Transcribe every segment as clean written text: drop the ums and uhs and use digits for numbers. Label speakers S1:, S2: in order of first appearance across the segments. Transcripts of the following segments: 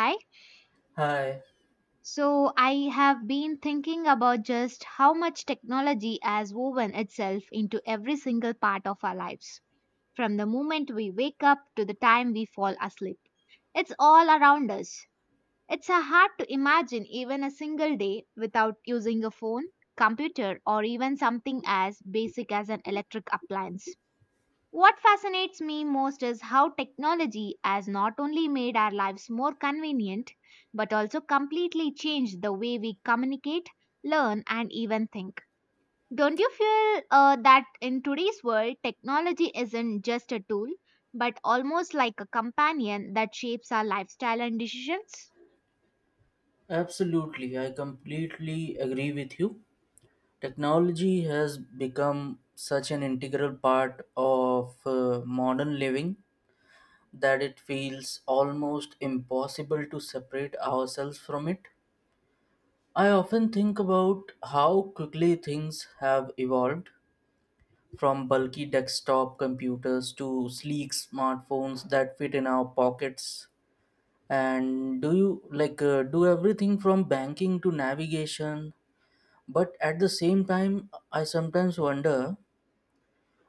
S1: Hi.
S2: Hi,
S1: So I have been thinking about just how much technology has woven itself into every single part of our lives, from the moment we wake up to the time we fall asleep. It's all around us. It's hard to imagine even a single day without using a phone, computer, or even something as basic as an electric appliance. What fascinates me most is how technology has not only made our lives more convenient, but also completely changed the way we communicate, learn, and even think. Don't you feel that in today's world, technology isn't just a tool, but almost like a companion that shapes our lifestyle and decisions?
S2: absolutely. I completely agree with you. Technology has become such an integral part of modern living that it feels almost impossible to separate ourselves from it. I often think about how quickly things have evolved from bulky desktop computers to sleek smartphones that fit in our pockets and do you like do everything from banking to navigation, but at the same time I sometimes wonder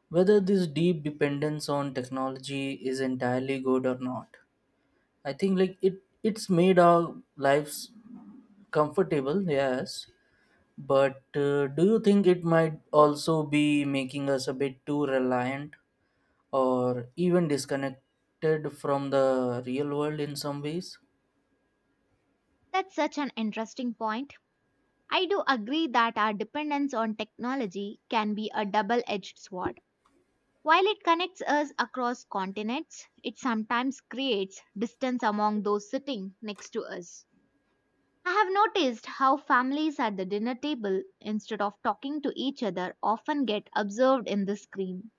S2: whether this deep dependence on technology is entirely good or not. I think it's made our lives comfortable, yes, but do you think it might also be making us a bit too reliant or even disconnected from the real world in some ways?
S1: That's such an interesting point. I do agree that our dependence on technology can be a double edged sword. While it connects us across continents, it sometimes creates distance among those sitting next to us. I have noticed how families at the dinner table, instead of talking to each other, often get observed in the screen.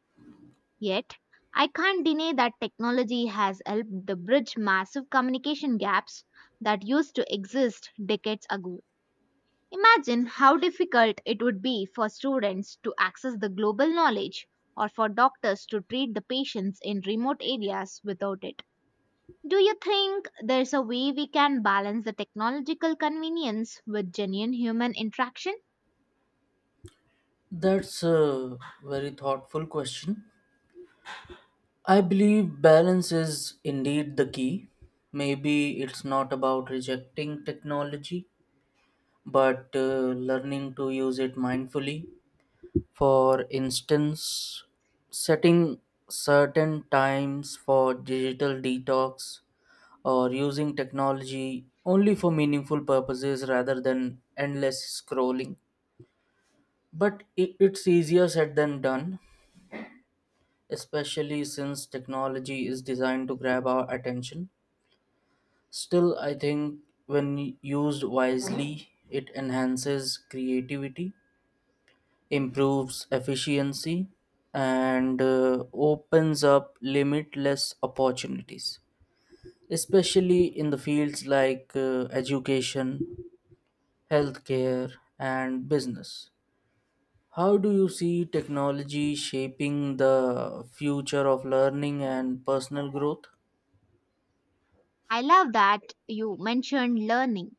S1: Yet, I can't deny that technology has helped to bridge massive communication gaps that used to exist decades ago. Imagine how difficult it would be for students to access the global knowledge or for doctors to treat the patients in remote areas without it. Do you think there's a way we can balance the technological convenience with genuine human interaction?
S2: That's a very thoughtful question. I believe balance is indeed the key. Maybe it's not about rejecting technology, but learning to use it mindfully. For instance, setting certain times for digital detox or using technology only for meaningful purposes rather than endless scrolling. But it's easier said than done, especially since technology is designed to grab our attention. Still, I think when used wisely, it enhances creativity, improves efficiency, and opens up limitless opportunities, especially in the fields like education, healthcare, and business. How do you see technology shaping the future of learning and personal growth?
S1: I love that you mentioned learning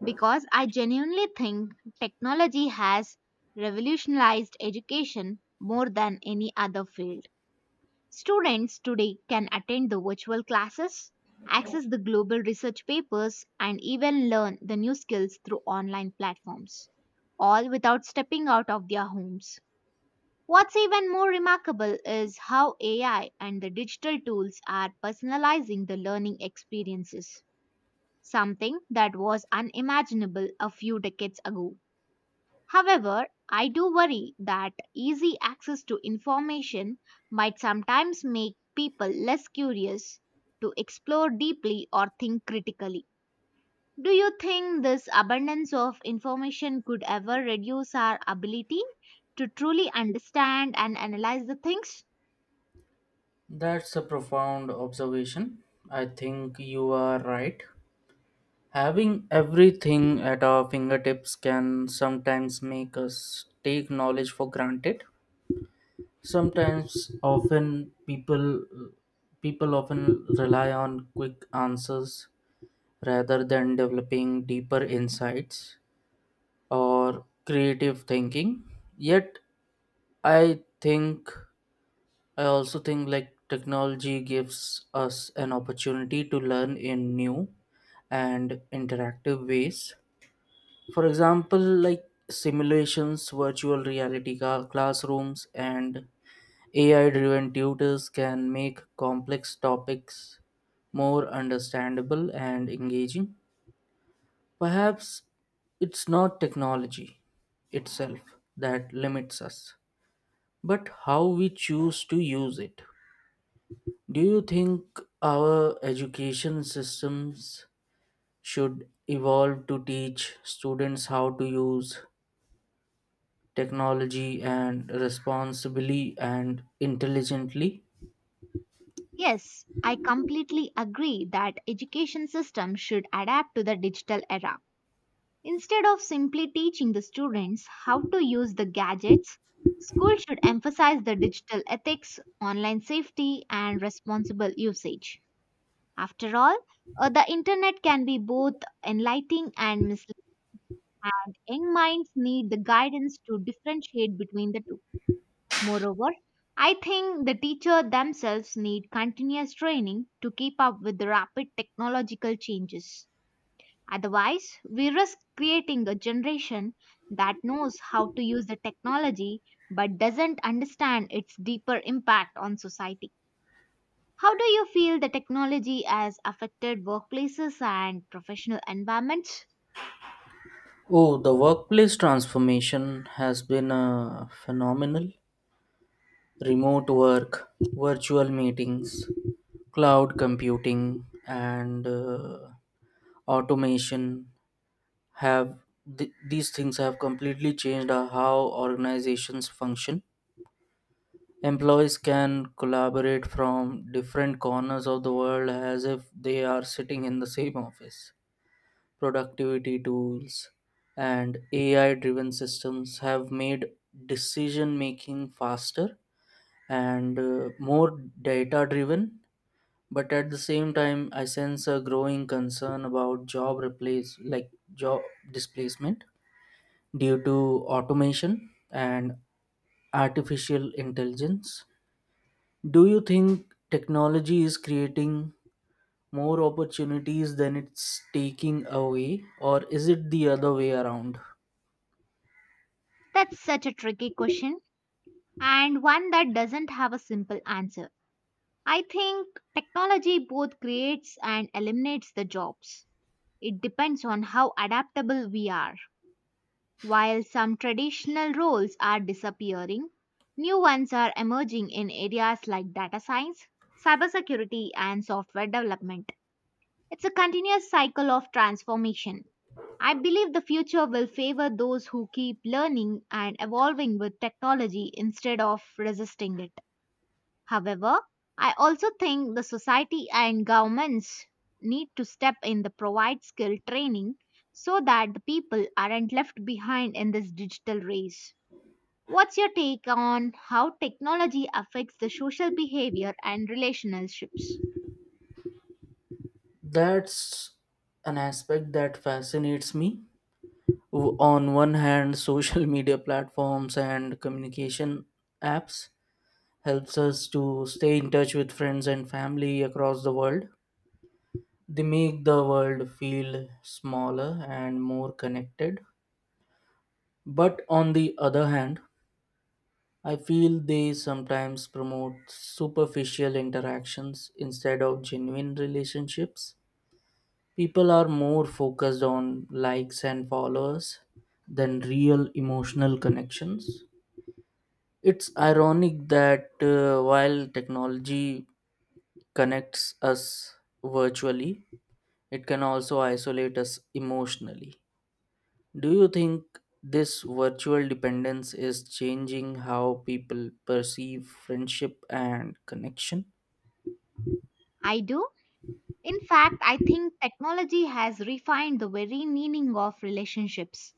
S1: because I genuinely think technology has revolutionized education more than any other field. Students today can attend the virtual classes, access the global research papers, and even learn the new skills through online platforms, all without stepping out of their homes. What's even more remarkable is how AI and the digital tools are personalizing the learning experiences, something that was unimaginable a few decades ago. However, I do worry that easy access to information might sometimes make people less curious to explore deeply or think critically. Do you think this abundance of information could ever reduce our ability to truly understand and analyze the things?
S2: That's a profound observation. I think you are right. Having everything at our fingertips can sometimes make us take knowledge for granted. Sometimes often people People often rely on quick answers rather than developing deeper insights or creative thinking. Yet I think I also think technology gives us an opportunity to learn in new and interactive ways. For example, like simulations, virtual reality classrooms, and AI driven tutors can make complex topics more understandable and engaging. Perhaps it's not technology itself that limits us, but how we choose to use it. Do you think our education systems should evolve to teach students how to use technology and responsibly and intelligently?
S1: Yes, I completely agree that education system should adapt to the digital era. Instead of simply teaching the students how to use the gadgets, school should emphasize the digital ethics, online safety, and responsible usage. After all, the internet can be both enlightening and misleading, and young minds need the guidance to differentiate between the two. Moreover, I think the teacher themselves need continuous training to keep up with the rapid technological changes. Otherwise, we risk creating a generation that knows how to use the technology but doesn't understand its deeper impact on society. How do you feel the technology has affected workplaces and professional environments?
S2: Oh, the workplace transformation has been phenomenal. Remote work, virtual meetings, cloud computing, and automation have these things have completely changed how organizations function. Employees can collaborate from different corners of the world as if they are sitting in the same office. Productivity tools and AI driven systems have made decision making faster and more data driven, but at the same time I sense a growing concern about job replace like job displacement due to automation and artificial intelligence. Do you think technology is creating more opportunities than it's taking away, or is it the other way around?
S1: That's such a tricky question and one that doesn't have a simple answer. I think technology both creates and eliminates the jobs. It depends on how adaptable we are. While some traditional roles are disappearing, new ones are emerging in areas like data science, cybersecurity, and software development. It's a continuous cycle of transformation. I believe the future will favor those who keep learning and evolving with technology instead of resisting it. However, I also think the society and governments need to step in to provide skill training so that the people aren't left behind in this digital race. What's your take on how technology affects the social behavior and relationships?
S2: That's an aspect that fascinates me. On one hand, social media platforms and communication apps helps us to stay in touch with friends and family across the world. They make the world feel smaller and more connected. But on the other hand, I feel they sometimes promote superficial interactions instead of genuine relationships. People are more focused on likes and followers than real emotional connections. It's ironic that while technology connects us virtually, it can also isolate us emotionally. Do you think this virtual dependence is changing how people perceive friendship and connection?
S1: I do. In fact, I think technology has refined the very meaning of relationships.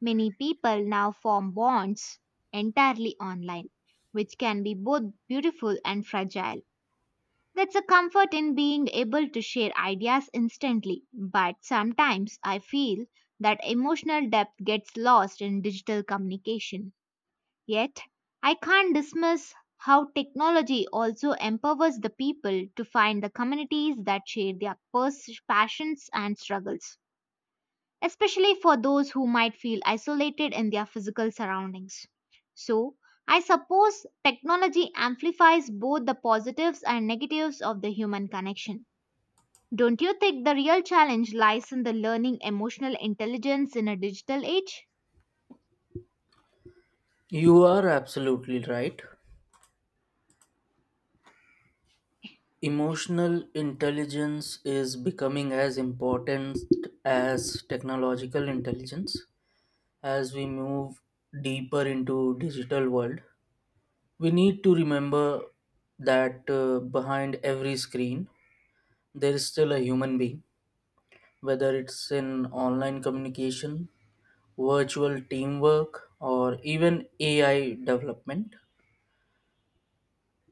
S1: Many people now form bonds entirely online, which can be both beautiful and fragile. That's a comfort in being able to share ideas instantly, but sometimes I feel that emotional depth gets lost in digital communication. Yet, I can't dismiss how technology also empowers the people to find the communities that share their passions and struggles, especially for those who might feel isolated in their physical surroundings. So, I suppose technology amplifies both the positives and negatives of the human connection. Don't you think the real challenge lies in the learning emotional intelligence in a digital age?
S2: You are absolutely right. Emotional intelligence is becoming as important as technological intelligence. As we move deeper into digital world, we need to remember that behind every screen there is still a human being, whether it's in online communication, virtual teamwork, or even AI development.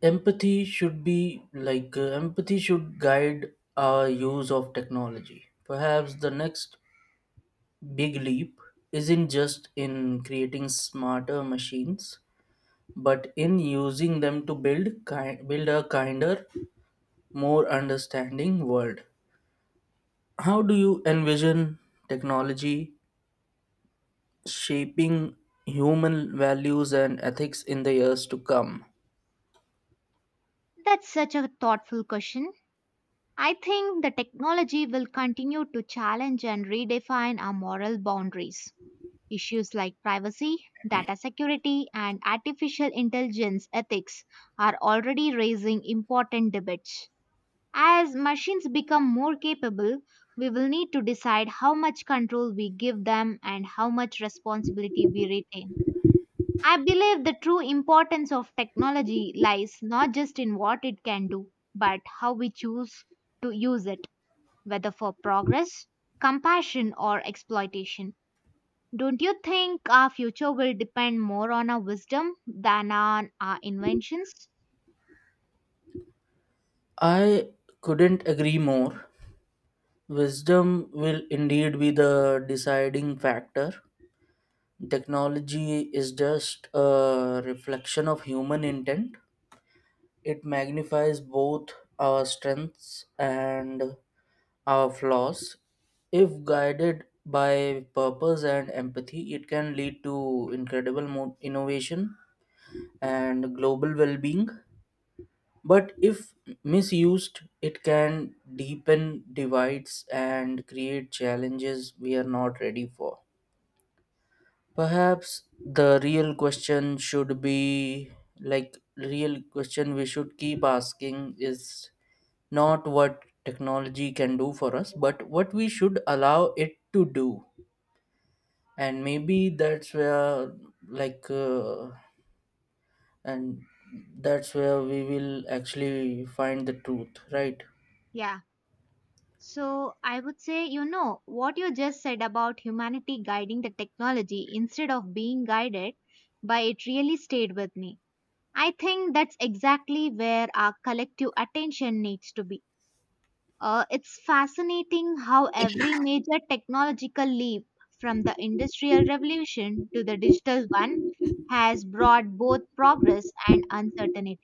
S2: Empathy should guide our use of technology. Perhaps the next big leap isn't just in creating smarter machines, but in using them to build a kinder, more understanding world. How do you envision technology shaping human values and ethics in the years to come?
S1: That's such a thoughtful question. I think the technology will continue to challenge and redefine our moral boundaries. Issues like privacy, data security, and artificial intelligence ethics are already raising important debates. As machines become more capable, we will need to decide how much control we give them and how much responsibility we retain. I believe the true importance of technology lies not just in what it can do, but how we choose to use it, whether for progress, compassion, or exploitation. Don't you think our future will depend more on our wisdom than on our inventions?
S2: I couldn't agree more. Wisdom will indeed be the deciding factor. Technology is just a reflection of human intent. It magnifies both our strengths and our flaws. If guided by purpose and empathy, it can lead to incredible innovation and global well being. But if misused, it can deepen divides and create challenges we are not ready for. Perhaps the real question we should keep asking is not what technology can do for us, but what we should allow it to do. And maybe that's where, like, and that's where we will actually find the truth, right?
S1: Yeah. So I would say, you know, what you just said about humanity guiding the technology instead of being guided by it really stayed with me. I think that's exactly where our collective attention needs to be. It's fascinating how every major technological leap, from the Industrial Revolution to the digital one, has brought both progress and uncertainty.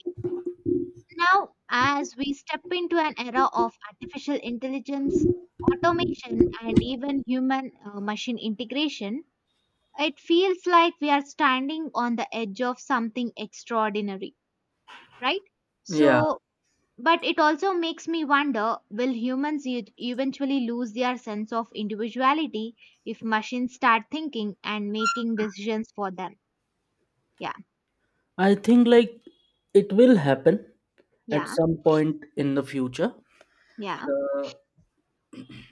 S1: Now, as we step into an era of artificial intelligence, automation, and even human machine integration, it feels like we are standing on the edge of something extraordinary, right?
S2: Yeah,
S1: So, but it also makes me wonder, will humans eventually lose their sense of individuality if machines start thinking and making decisions for them? Yeah,
S2: I think it will happen at
S1: yeah,
S2: some point in the future.
S1: yeah,
S2: Uh,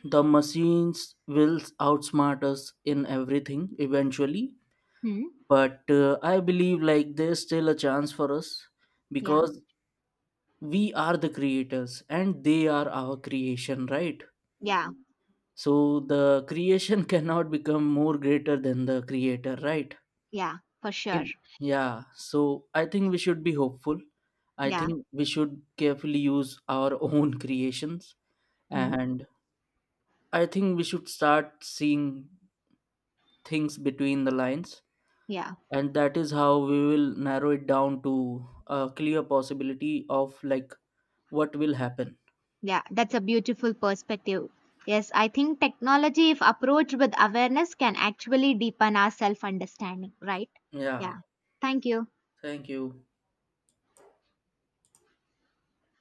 S2: the machines will outsmart us in everything eventually,
S1: hmm,
S2: but I believe there's still a chance for us
S1: yeah,
S2: because we are the creators and they are our creation, right?
S1: yeah,
S2: So the creation cannot become more greater than the creator, right?
S1: yeah, for sure.
S2: in Yeah, so I think we should be hopeful. I
S1: Yeah,
S2: think we should carefully use our own creations,
S1: hmm,
S2: and I think we should start seeing things between the lines,
S1: yeah,
S2: and that is how we will narrow it down to a clear possibility of what will happen.
S1: yeah. That's a beautiful perspective. Yes, I think technology, if approached with awareness, can actually deepen our self understanding, right?
S2: Yeah,
S1: Yeah. Thank you.
S2: thank you.